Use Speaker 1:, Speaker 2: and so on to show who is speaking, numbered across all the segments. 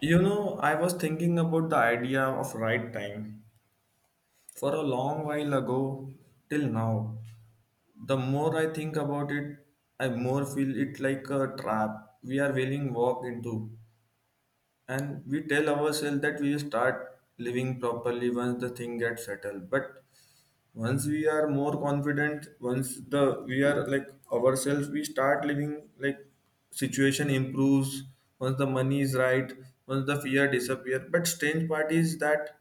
Speaker 1: You know, I was thinking about the idea of right time for a long while ago till now. The more I think about it, I more feel it like a trap we are willing walk into. And we tell ourselves that we start living properly once the thing gets settled. But once we are more confident once the we are like ourselves we start living like situation improves once the money is right once the fear disappear but strange part is that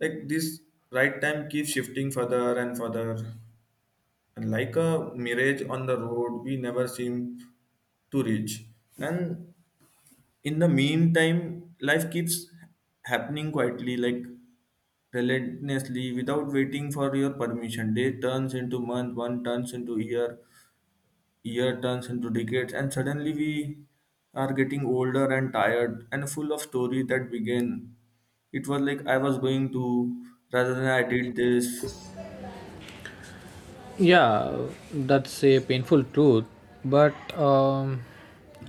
Speaker 1: like this right time keeps shifting further and further, and like a mirage on the road we never seem to reach. And in the meantime life keeps happening quietly, like relentlessly, without waiting for your permission. Day turns into month, one turns into year, year turns into decades, and suddenly we are getting older and tired and full of story that began. It was like I was going to rather than I did this.
Speaker 2: Yeah, that's a painful truth, but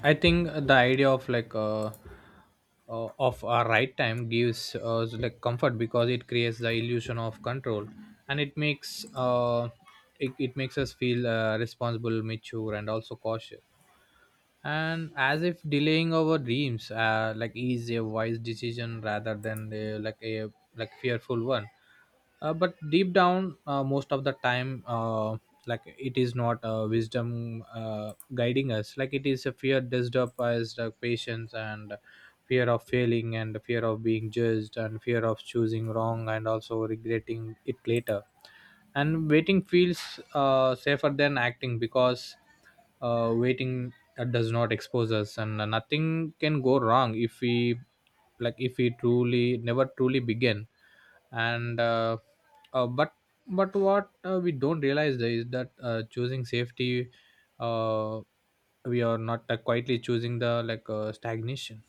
Speaker 2: I think the idea of of a right time gives us like comfort because it creates the illusion of control, and it makes it makes us feel responsible, mature, and also cautious. And as if delaying our dreams, like is a wise decision rather than a like fearful one, but deep down, most of the time, like it is not, wisdom, guiding us, like it is a fear dressed up as the patience, and fear of failing, and the fear of being judged, and fear of choosing wrong and also regretting it later. And waiting feels safer than acting because waiting that does not expose us, and nothing can go wrong if we, like if we truly never truly begin. And uh, but but what, we don't realize there is that, choosing safety, uh, we are not, quietly choosing the, like, stagnation.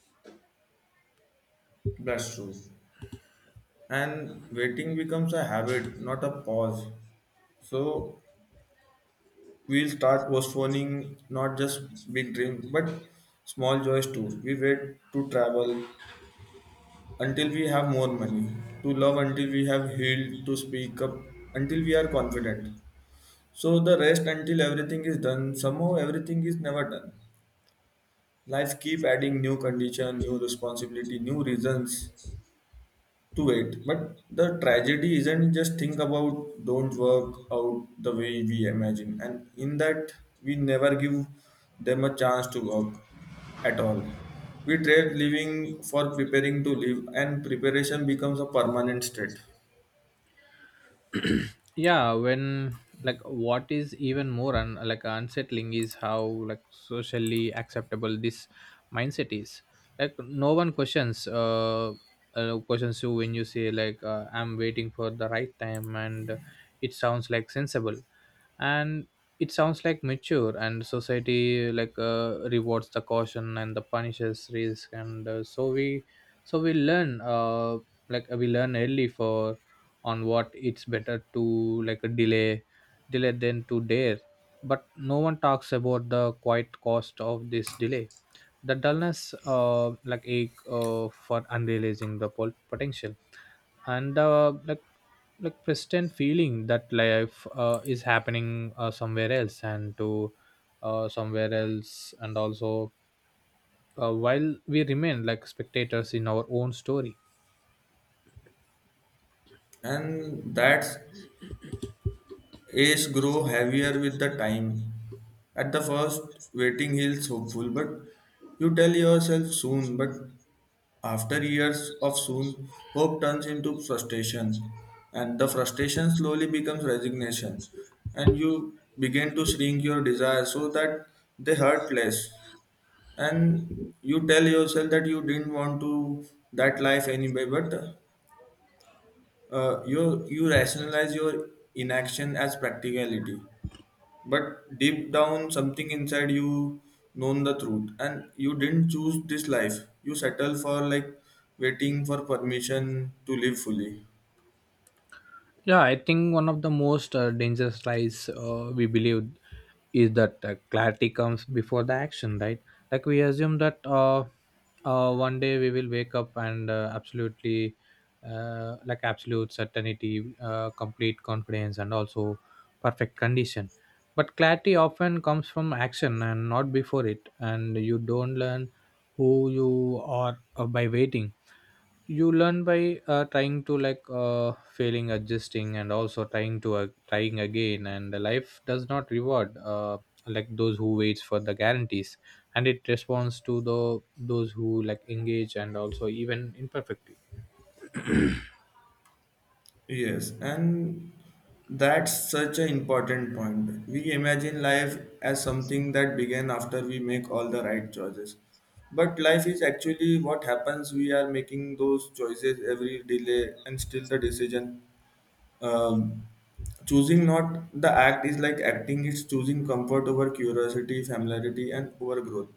Speaker 1: That's true. And waiting becomes a habit, not a pause. So we'll start postponing not just big dreams, but small joys too. We wait to travel, until we have more money, to love until we have healed, to speak up until we are confident. So the rest until everything is done, somehow everything is never done. Life keep adding new condition, new responsibility, new reasons to it. But the tragedy isn't just think about don't work out the way we imagine. And in that we never give them a chance to work at all. We trade living for preparing to live, and preparation becomes a permanent state.
Speaker 2: Yeah, when like what is even more like unsettling is how like socially acceptable this mindset is. Like no one questions, questions you when you say, like, I'm waiting for the right time, and it sounds like sensible, and it sounds like mature, and society, like, rewards the caution and the punishes risk. And so we learn, like we learn early for on what it's better to like delay than to dare. But no one talks about the quiet cost of this delay, the dullness, like ache, for unrealizing the potential, and, like persistent feeling that life, is happening, somewhere else, and also, while we remain like spectators in our own story.
Speaker 1: And that ace grow heavier with the time. At the first, waiting feels hopeful, but you tell yourself soon. But after years of soon, hope turns into frustration, and the frustration slowly becomes resignation, and you begin to shrink your desires so that they hurt less. And you tell yourself that you didn't want to that life anyway, but you rationalize your inaction as practicality, but deep down, something inside you known the truth, and you didn't choose this life. You settle for like waiting for permission to live fully.
Speaker 2: Yeah, I think one of the most, dangerous lies, we believe is that, clarity comes before the action, right? Like we assume that, one day we will wake up and, absolutely, like absolute certainty, complete confidence, and also perfect condition. But clarity often comes from action and not before it, and you don't learn who you are, by waiting. You learn by, trying to, like, failing, adjusting, and also trying again. And life does not reward, like those who waits for the guarantees, and it responds to the those who like engage and also even imperfectly.
Speaker 1: Yes, and that's such an important point. We imagine life as something that began after we make all the right choices. But life is actually what happens. We are making those choices every delay and still the decision Um, Choosing not the act is like acting, it's choosing comfort over curiosity, familiarity, and over growth.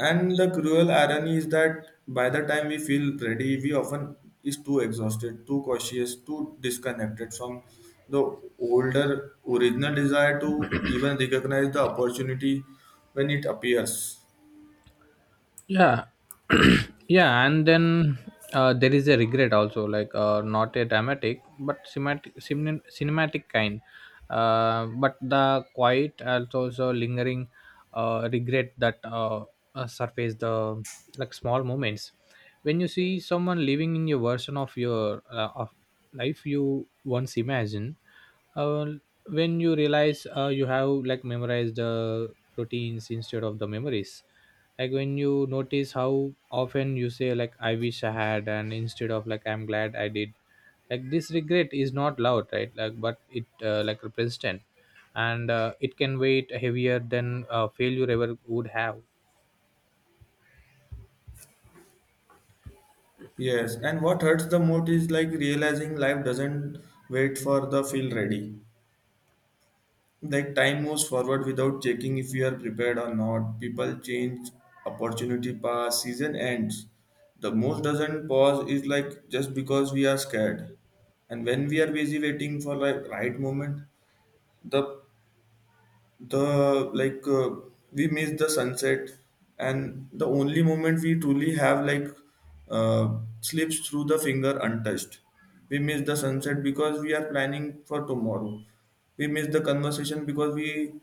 Speaker 1: And the cruel irony is that by the time we feel ready, we often is too exhausted, too cautious, too disconnected from the older original desire to even recognize the opportunity when it appears.
Speaker 2: Yeah. Yeah, and then, there is a regret also, like, not a dramatic but cinematic, cinematic kind, but the quiet and also lingering, regret that, surface the like small moments when you see someone living in your version of your of life you once imagined, uh, when you realize, you have like memorized the routines instead of the memories, like when you notice how often you say, like, I wish I had, and instead of like I'm glad I did. Like this regret is not loud, right, like, but it, like represents, and, it can weight heavier than, failure ever would have.
Speaker 1: Yes, and what hurts the most is like realizing life doesn't wait for the feel ready. Like time moves forward without checking if we are prepared or not. People change, opportunity pass, season ends. The most doesn't pause is like just because we are scared. And when we are busy waiting for like right moment, the the we miss the sunset, and the only moment we truly have, like uh, slips through the finger untouched. We miss the sunset because we are planning for tomorrow. We miss the conversation because we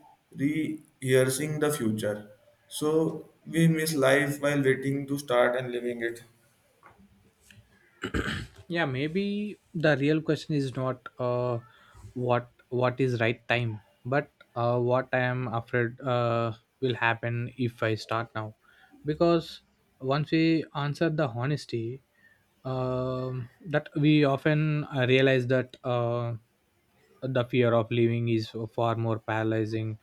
Speaker 1: rehearsing the future. So we miss life while waiting to start and living it.
Speaker 2: Yeah, maybe the real question is not, what what is right time, but, what I am afraid, will happen if I start now, because once we answer the honesty, that we often, realize that, the fear of leaving is far more paralyzing,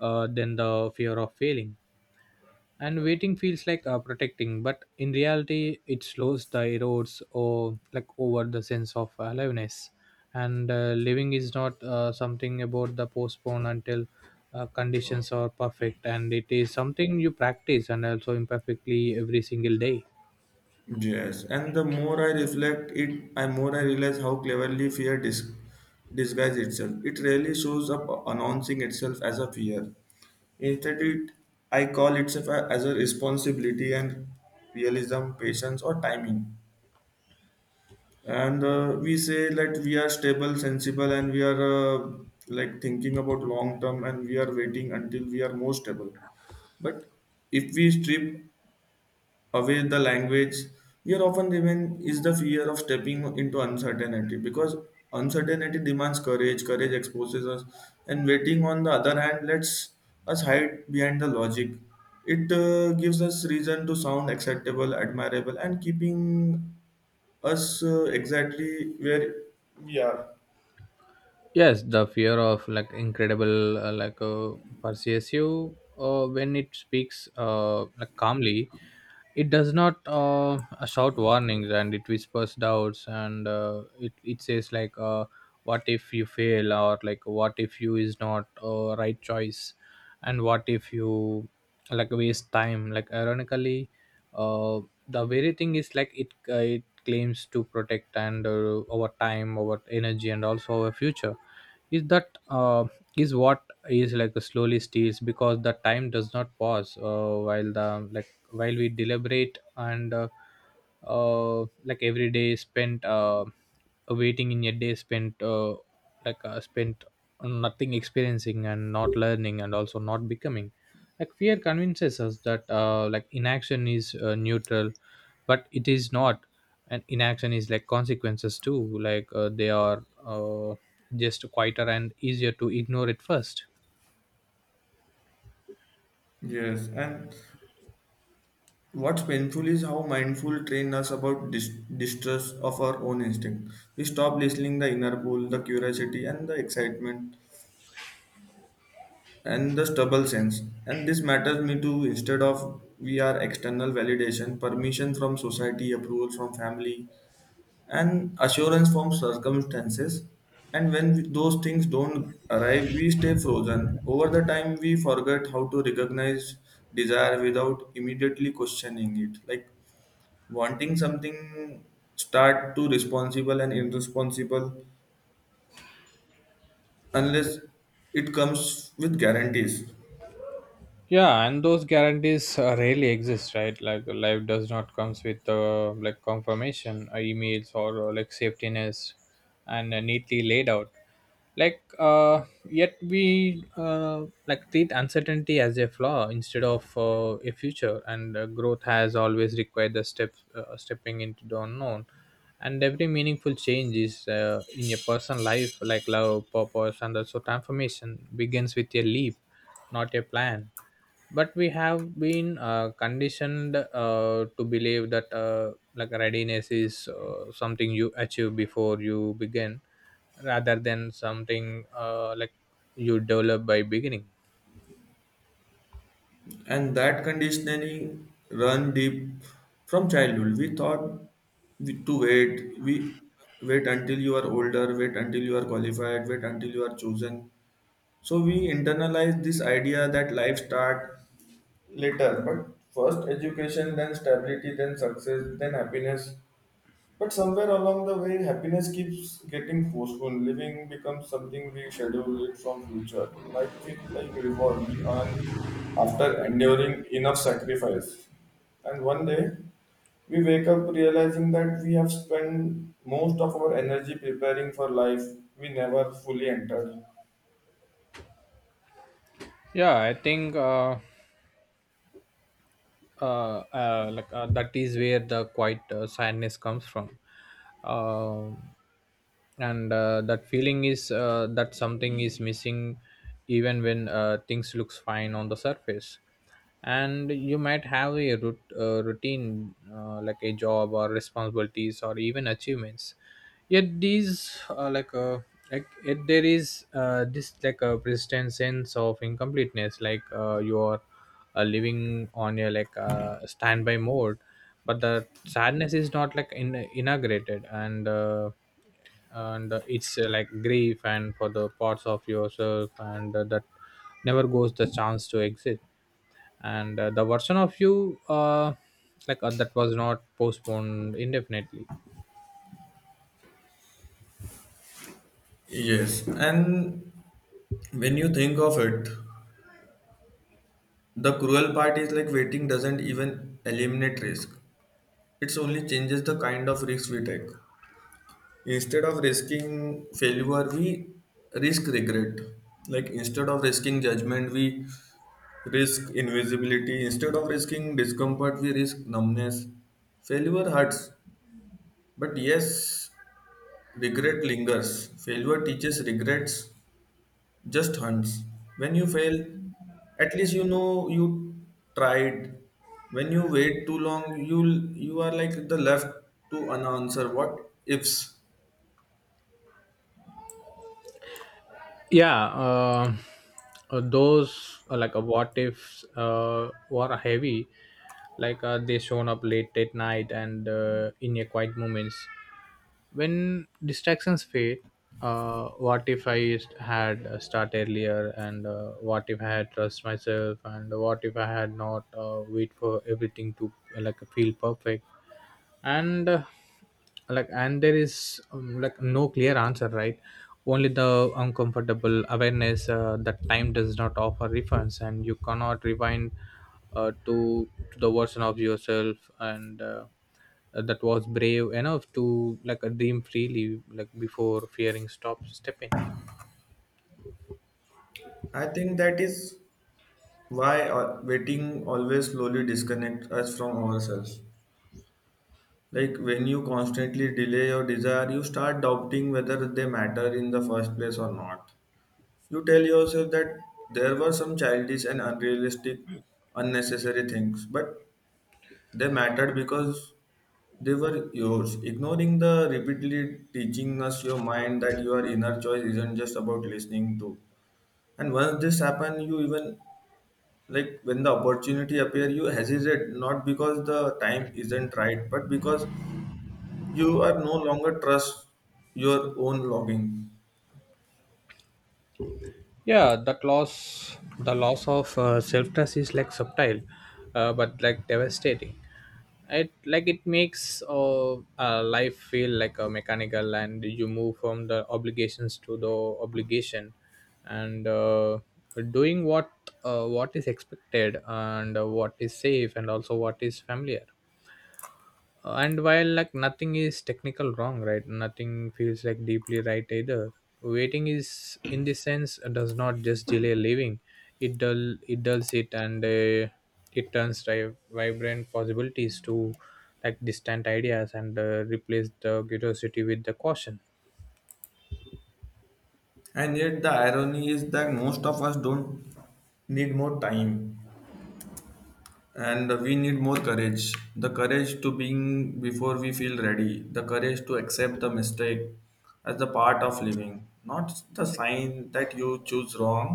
Speaker 2: than the fear of failing. And waiting feels like, protecting, but in reality it slows the erodes or like over the sense of aliveness. And, living is not, something about the postpone until, conditions are perfect, and it is something you practice, and also imperfectly every single day.
Speaker 1: Yes, and the more I reflect it, I more I realize how cleverly fear disguises itself. It rarely shows up announcing itself as a fear. Instead, it I call itself as a responsibility and realism, patience, or timing. And we say that we are stable, sensible, and we are uh, like thinking about long term, and we are waiting until we are more stable. But if we strip away the language we are often remain is the fear of stepping into uncertainty, because uncertainty demands courage, courage exposes us, and waiting on the other hand lets us hide behind the logic. It gives us reason to sound acceptable, admirable, and keeping us exactly where we are.
Speaker 2: Yes, the fear of like incredible, pursues you, when it speaks, like calmly. It does not, shout warnings, and it whispers doubts, and, it says like, what if you fail, or like what if you is not, right choice, and what if you like waste time, like ironically, uh, the very thing is like it, uh, claims to protect, and, our time, our energy, and also our future, is that, is what is like slowly steals, because the time does not pause, while the like while we deliberate, and, like every day spent, waiting in a day spent, spent on nothing experiencing, and not learning, and also not becoming. Like fear convinces us that, like inaction is, neutral, but it is not. And inaction is like consequences too, like, they are, just quieter and easier to ignore at first.
Speaker 1: Yes, and what's painful is how mindful train us about distrust of our own instinct. We stop listening the inner pull, the curiosity and the excitement and the stubble sense. And this matters me too. Instead of we are external validation, permission from society, approval from family, and assurance from circumstances. And when those things don't arrive, we stay frozen. Over the time, we forget how to recognize desire without immediately questioning it. Like wanting something start to responsible and irresponsible unless it comes with guarantees.
Speaker 2: Yeah, and those guarantees, rarely exist, right, like life does not comes with, like confirmation, emails, or, like safetiness, and, neatly laid out, like, yet we, like treat uncertainty as a flaw instead of, a future. And, growth has always required the step, stepping into the unknown, and every meaningful change is, in a person's life, like love, purpose, and also transformation, begins with a leap, not a plan. But we have been, conditioned, to believe that, like readiness is, something you achieve before you begin, rather than something, like you develop by beginning.
Speaker 1: And that conditioning run deep. From childhood we thought to wait, we wait until you are older, wait until you are qualified, wait until you are chosen. So we internalize this idea that life start later, but first education then stability then success then happiness. But somewhere along the way, happiness keeps getting postponed. Living becomes something we schedule it from future, like it like reward we earn after enduring enough sacrifice. And one day, we wake up realizing that we have spent most of our energy preparing for life we never fully entered.
Speaker 2: Yeah, I think, that is where the quiet, sadness comes from, um, and, that feeling is, that something is missing, even when, things looks fine on the surface. And you might have a routine, like a job, or responsibilities, or even achievements, yet these like yet there is, this like a persistent sense of incompleteness, like, you are, living on your like, standby mode. But the sadness is not like inaugurated, and, it's, like grief, and for the parts of yourself, and, that never goes the chance to exit, and, the version of you, that was not postponed indefinitely.
Speaker 1: Yes, and when you think of it, the cruel part is like waiting doesn't even eliminate risk. It's only changes the kind of risk we take. Instead of risking failure, we risk regret. Like instead of risking judgment, we risk invisibility. Instead of risking discomfort, we risk numbness. Failure hurts, but yes, regret lingers. Failure teaches regrets, just hunts. When you fail, at least you know you tried. When you wait too long, you are like the left to unanswer what ifs.
Speaker 2: Yeah, those, what ifs, were heavy, like, they shown up late at night, and, in a quiet moments when distractions fade. What if I had, start earlier, and, what if I had trust myself, and what if I had not, wait for everything to, like feel perfect, and, like, and there is, like no clear answer, right, only the uncomfortable awareness, that time does not offer refunds, and you cannot rewind, to the version of yourself, and, that was brave enough to like dream freely, like before fearing stop stepping.
Speaker 1: I think that is why waiting always slowly disconnects us from ourselves. Like when you constantly delay your desire, you start doubting whether they matter in the first place or not. You tell yourself that there were some childish and unrealistic, unnecessary things, but they mattered because they were yours. Ignoring the repeatedly teaching us your mind that your inner choice isn't just about listening to. And once this happens, you even like when the opportunity appear you hesitate not because the time isn't right but because you are no longer trust your own logging.
Speaker 2: Yeah, that loss the loss of, self-trust is like subtle, but like devastating. It like it makes, life feel like a mechanical, and you move from the obligations to the obligation, and, doing what, what is expected, and, what is safe, and also what is familiar. And while like nothing is technical wrong, right, nothing feels like deeply right either. Waiting is in this sense does not just delay living, it dulls it, and, it turns vibrant possibilities to like distant ideas, and, replace the curiosity with the caution.
Speaker 1: And yet the irony is that most of us don't need more time, and we need more courage, the courage to being before we feel ready, the courage to accept the mistake as the part of living, not the sign that you choose wrong,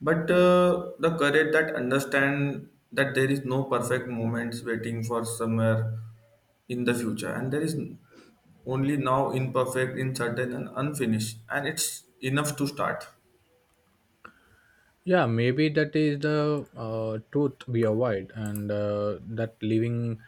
Speaker 1: but the courage that understand that there is no perfect moments waiting for somewhere in the future, and there is only now, imperfect, uncertain and unfinished, and it's enough to start.
Speaker 2: Yeah, maybe that is the, truth we avoid, and, that living,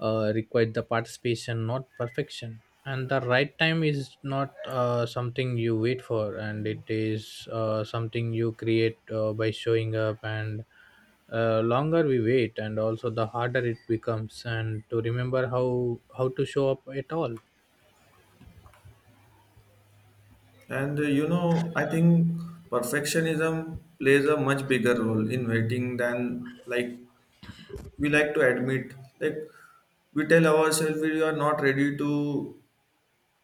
Speaker 2: requires the participation, not perfection. And the right time is not, something you wait for, and it is, something you create, by showing up. And, longer we wait, and also the harder it becomes, and to remember how to show up at all.
Speaker 1: And you know I think perfectionism plays a much bigger role in waiting than like we like to admit. Like we tell ourselves we are not ready to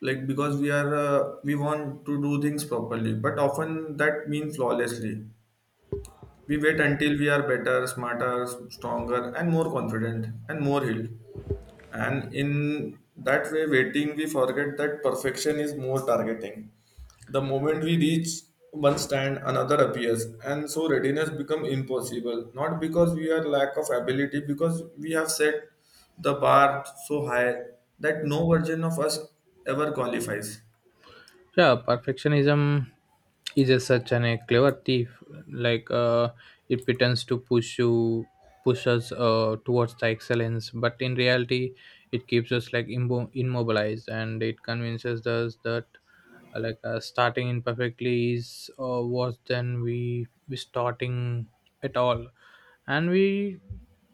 Speaker 1: like because we are we want to do things properly but often that means flawlessly. We wait until we are better, smarter, stronger and more confident and more healed, and in that way waiting we forget that perfection is more targeting. The moment we reach one stand another appears, and so readiness become impossible, not because we are lack of ability because we have set the bar so high that no version of us ever qualifies.
Speaker 2: Yeah, perfectionism is such an a clever thief, like, it pretends to push us, towards the excellence, but in reality it keeps us like immobilized. And it convinces us that, starting imperfectly is, worse than we starting at all. And we,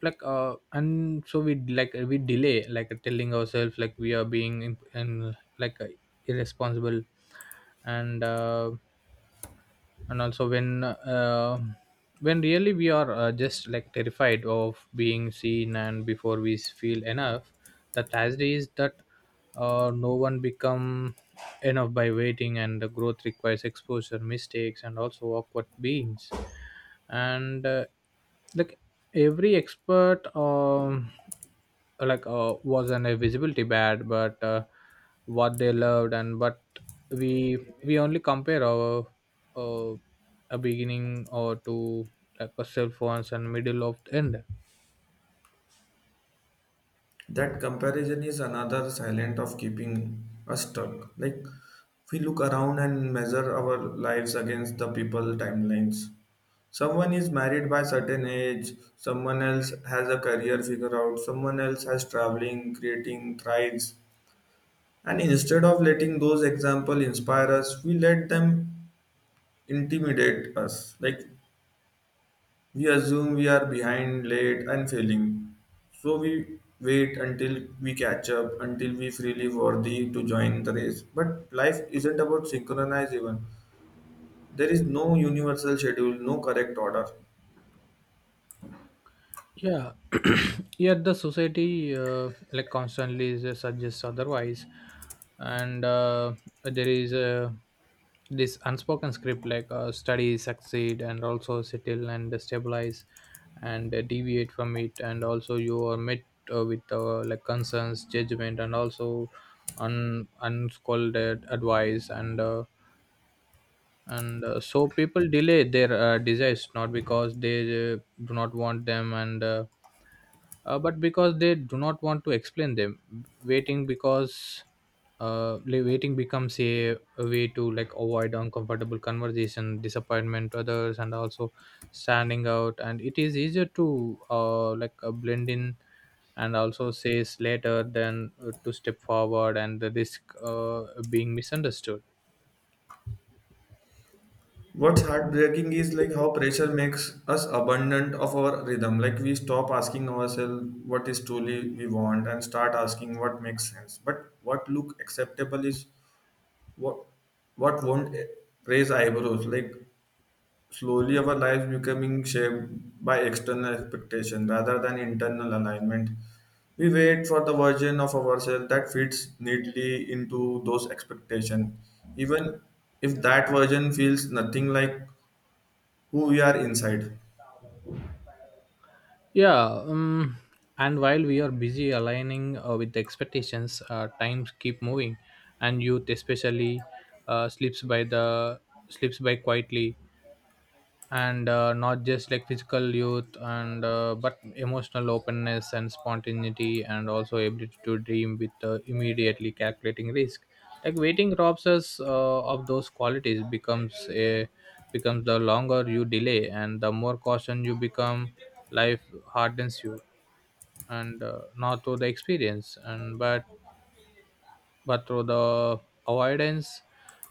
Speaker 2: like and so we like we delay, like telling ourselves like we are being and like, irresponsible, and, also when, when really we are, just like terrified of being seen, and before we feel enough. The tragedy is that, no one become enough by waiting, and the growth requires exposure, mistakes, and also awkward beings. And, like every expert, wasn't a visibility bad, but, what they loved, and but we we only compare our, uh, a beginning or to like a cell phones and middle of the end.
Speaker 1: That comparison is another silent of keeping us stuck. Like we look around and measure our lives against the people timelines. Someone is married by certain age, someone else has a career figure out, someone else has traveling, creating, thrives. And instead of letting those examples inspire us, we let them intimidate us. Like we assume we are behind, late, and failing. So we wait until we catch up, until we freely worthy to join the race. But life isn't about synchronized even. There is no universal schedule, no correct order.
Speaker 2: Yeah. Yet the society, like constantly suggests otherwise, and, there is, this unspoken script, like, study, succeed, and also settle and stabilize, and, deviate from it and also you are met, with like concerns judgment and also unscolded advice and so people delay their desires not because they do not want them and but because they do not want to explain them. waiting because Waiting becomes a way to like avoid uncomfortable conversation, disappointment to others, and also standing out, and it is easier to blend in and also says later than to step forward and the risk being misunderstood.
Speaker 1: What's heartbreaking is like how pressure makes us abundant of our rhythm. Like we stop asking ourselves what is truly we want and start asking what makes sense. But what look acceptable is what what won't raise eyebrows. Like slowly, our lives becoming shaped by external expectation rather than internal alignment. We wait for the version of ourselves that fits neatly into those expectations, even if that version feels nothing like who we are inside.
Speaker 2: Yeah, and while we are busy aligning with the expectations, times keep moving, and youth especially uh, slips by the slips by quietly, and not just like physical youth, and but emotional openness and spontaneity, and also ability to dream with immediately calculating risk. Like waiting robs us of those qualities. Becomes the, longer you delay, and the more caution you become, life hardens you, and not through the experience and but through the avoidance,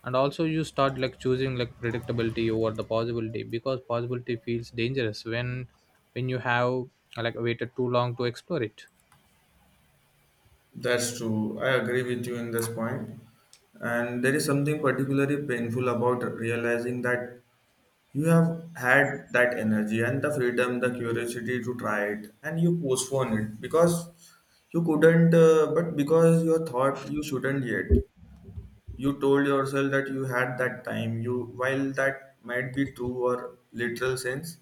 Speaker 2: and also you start like choosing like predictability over the possibility because possibility feels dangerous when you have like waited too long to explore it.
Speaker 1: That's true. I agree with you in this point. And there is something particularly painful about realizing that you have had that energy and the freedom, the curiosity to try it, and you postpone it because you couldn't, but because you thought you shouldn't yet. You told yourself that you had that time. You, while that might be true or literal sense,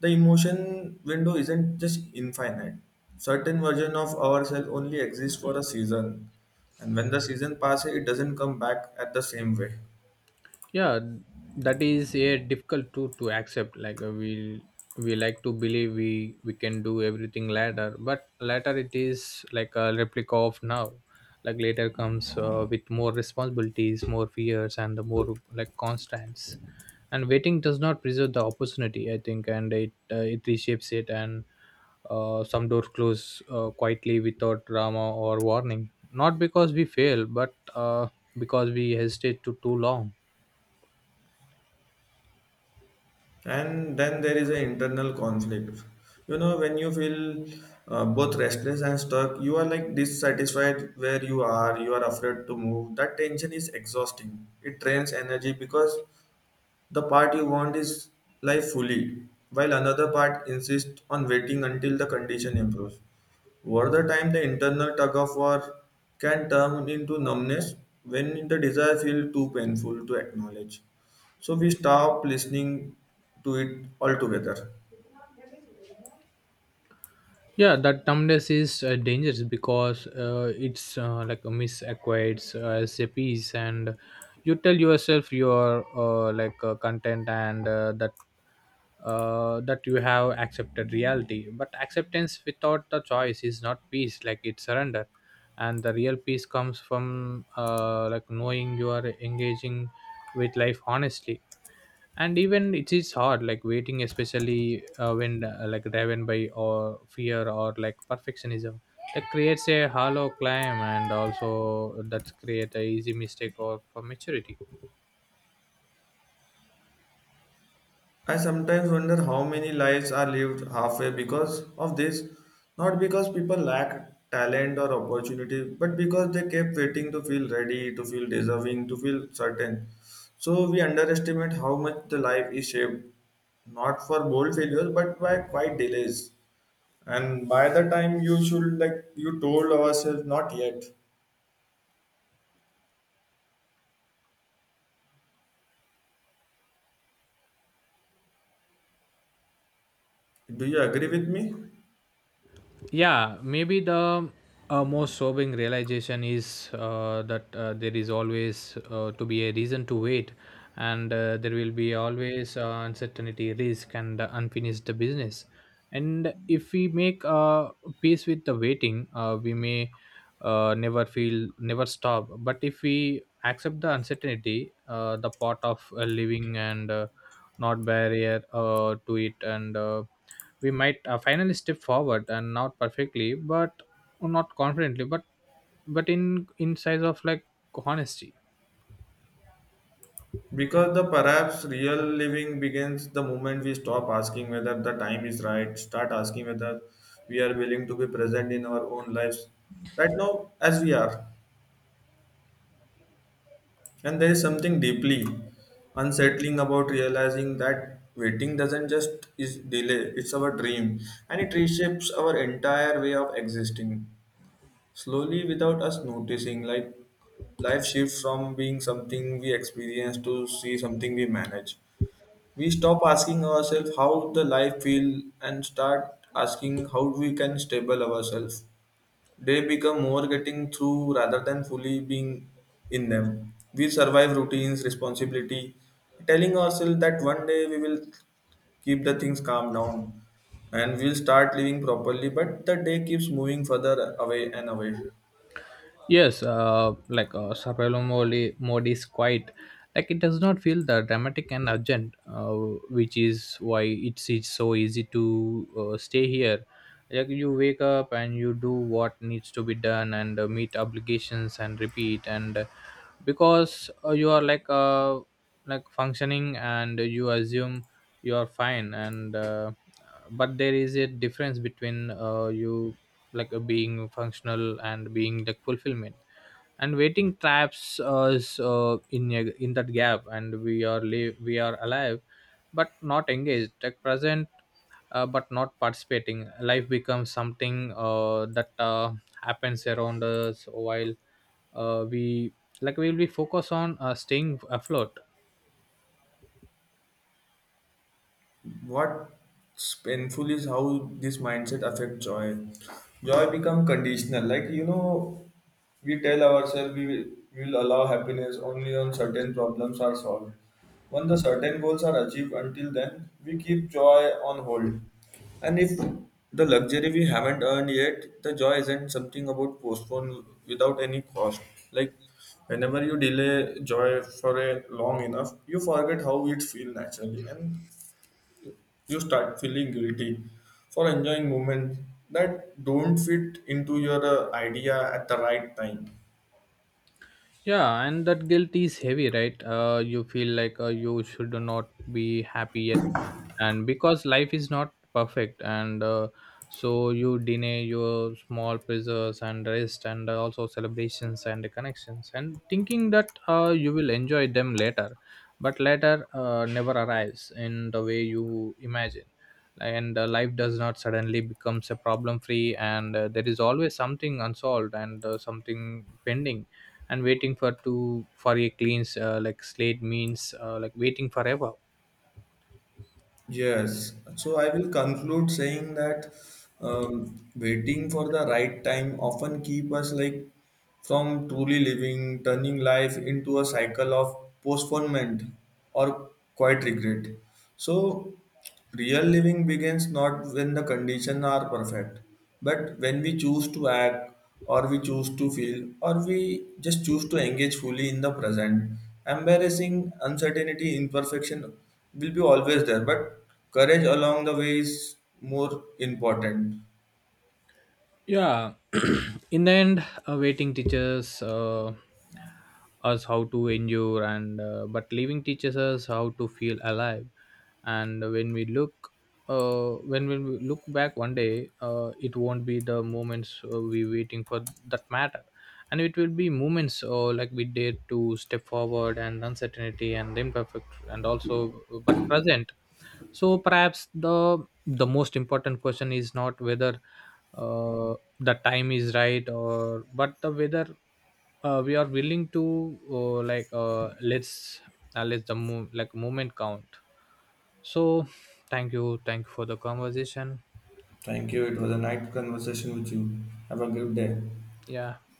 Speaker 1: the emotion window isn't just infinite. Certain version of ourselves only exists for a season, and when the season passes, it doesn't come back at the same way.
Speaker 2: Yeah, that is a difficult truth to accept, like we like to believe we can do everything later, but later it is like a replica of now. Like later comes with more responsibilities, more fears, and the more like constants, and waiting does not preserve the opportunity, I think, and it reshapes it, and some doors close quietly without drama or warning, not because we fail, but because we hesitate to too long.
Speaker 1: And then there is an internal conflict, you know, when you feel both restless and stuck, you are like dissatisfied where you are, you are afraid to move. That tension is exhausting, it drains energy, because the part you want is life fully while another part insists on waiting until the condition improves. Over the time, the internal tug of war can turn into numbness when the desire feels too painful to acknowledge. So we stop listening to it altogether.
Speaker 2: Yeah, that numbness is dangerous because it's like a misacquaints as a piece, and you tell yourself you are content, and that that you have accepted reality, but acceptance without the choice is not peace, like it's surrender. And the real peace comes from like knowing you are engaging with life honestly, and even it is hard, like waiting, especially when like driven by or fear or like perfectionism, that creates a hollow climb, and also that create a easy mistake or for maturity.
Speaker 1: I sometimes wonder how many lives are lived halfway because of this, not because people lack talent or opportunity, but because they kept waiting to feel ready, to feel deserving, to feel certain. So we underestimate how much the life is shaped not for bold failures but by quiet delays. And by the time you should like you told ourselves not yet. Do you agree with me?
Speaker 2: Yeah, maybe the most sobering realization is that there is always to be a reason to wait, and there will be always uncertainty, risk, and unfinished business. And if we make peace with the waiting, we may never feel, never stop, but if we accept the uncertainty, the part of living, and not barrier to it, and we might finally step forward, and not perfectly but not confidently but in size of like honesty.
Speaker 1: Because the perhaps real living begins the moment we stop asking whether the time is right, start asking whether we are willing to be present in our own lives right now as we are. And there is something deeply unsettling about realizing that waiting doesn't just is delay, it's our dream, and it reshapes our entire way of existing. Slowly, without us noticing, like life shifts from being something we experience to see something we manage. We stop asking ourselves how the life feel and start asking how we can stable ourselves. They become more getting through rather than fully being in them. We survive routines, responsibility, telling ourselves that one day we will keep the things calm down and we'll start living properly, but the day keeps moving further away and away.
Speaker 2: Yes, Sapello Modi, Modi is quite, like it does not feel the dramatic and urgent, which is why it's so easy to stay here. Like you wake up and you do what needs to be done and meet obligations and repeat, and because you are like functioning, and you assume you are fine, and but there is a difference between you like being functional and being like fulfillment. And waiting traps us in in that gap, and we are alive but not engaged, like present but not participating. Life becomes something that happens around us while we will be focused on staying afloat.
Speaker 1: What's painful is how this mindset affects joy. Joy become conditional, like you know, we tell ourselves we will allow happiness only on certain problems are solved, when the certain goals are achieved. Until then, we keep joy on hold, and if the luxury we haven't earned yet, the joy isn't something about postpone without any cost. Like whenever you delay joy for a long enough, you forget how it feels naturally, and you start feeling guilty for enjoying moments that don't fit into your idea at the right time.
Speaker 2: Yeah, and that guilt is heavy, right? You feel like you should not be happy yet, and because life is not perfect, and so you deny your small pleasures and rest and also celebrations and connections, and thinking that you will enjoy them later, but later never arrives in the way you imagine, and life does not suddenly becomes a problem free, and there is always something unsolved, and something pending, and waiting for to for a clean like slate means like waiting forever.
Speaker 1: Yes, so I will conclude saying that waiting for the right time often keep us like from truly living, turning life into a cycle of postponement or quiet regret. So real living begins not when the conditions are perfect, but when we choose to act, or we choose to feel, or we just choose to engage fully in the present. Embarrassing, uncertainty, imperfection will be always there, but courage along the way is more important.
Speaker 2: Yeah in the end waiting teaches us how to endure, and but living teaches us how to feel alive. And when we look when we look back one day, it won't be the moments we waiting for that matter, and it will be moments like we dare to step forward, and uncertainty and imperfect, and also but present. So perhaps the most important question is not whether uh, the time is right or, but the weather, we are willing to let's let the like moment count. So, thank you for the conversation.
Speaker 1: Thank you. It was a nice conversation with you. Have a good day.
Speaker 2: Yeah.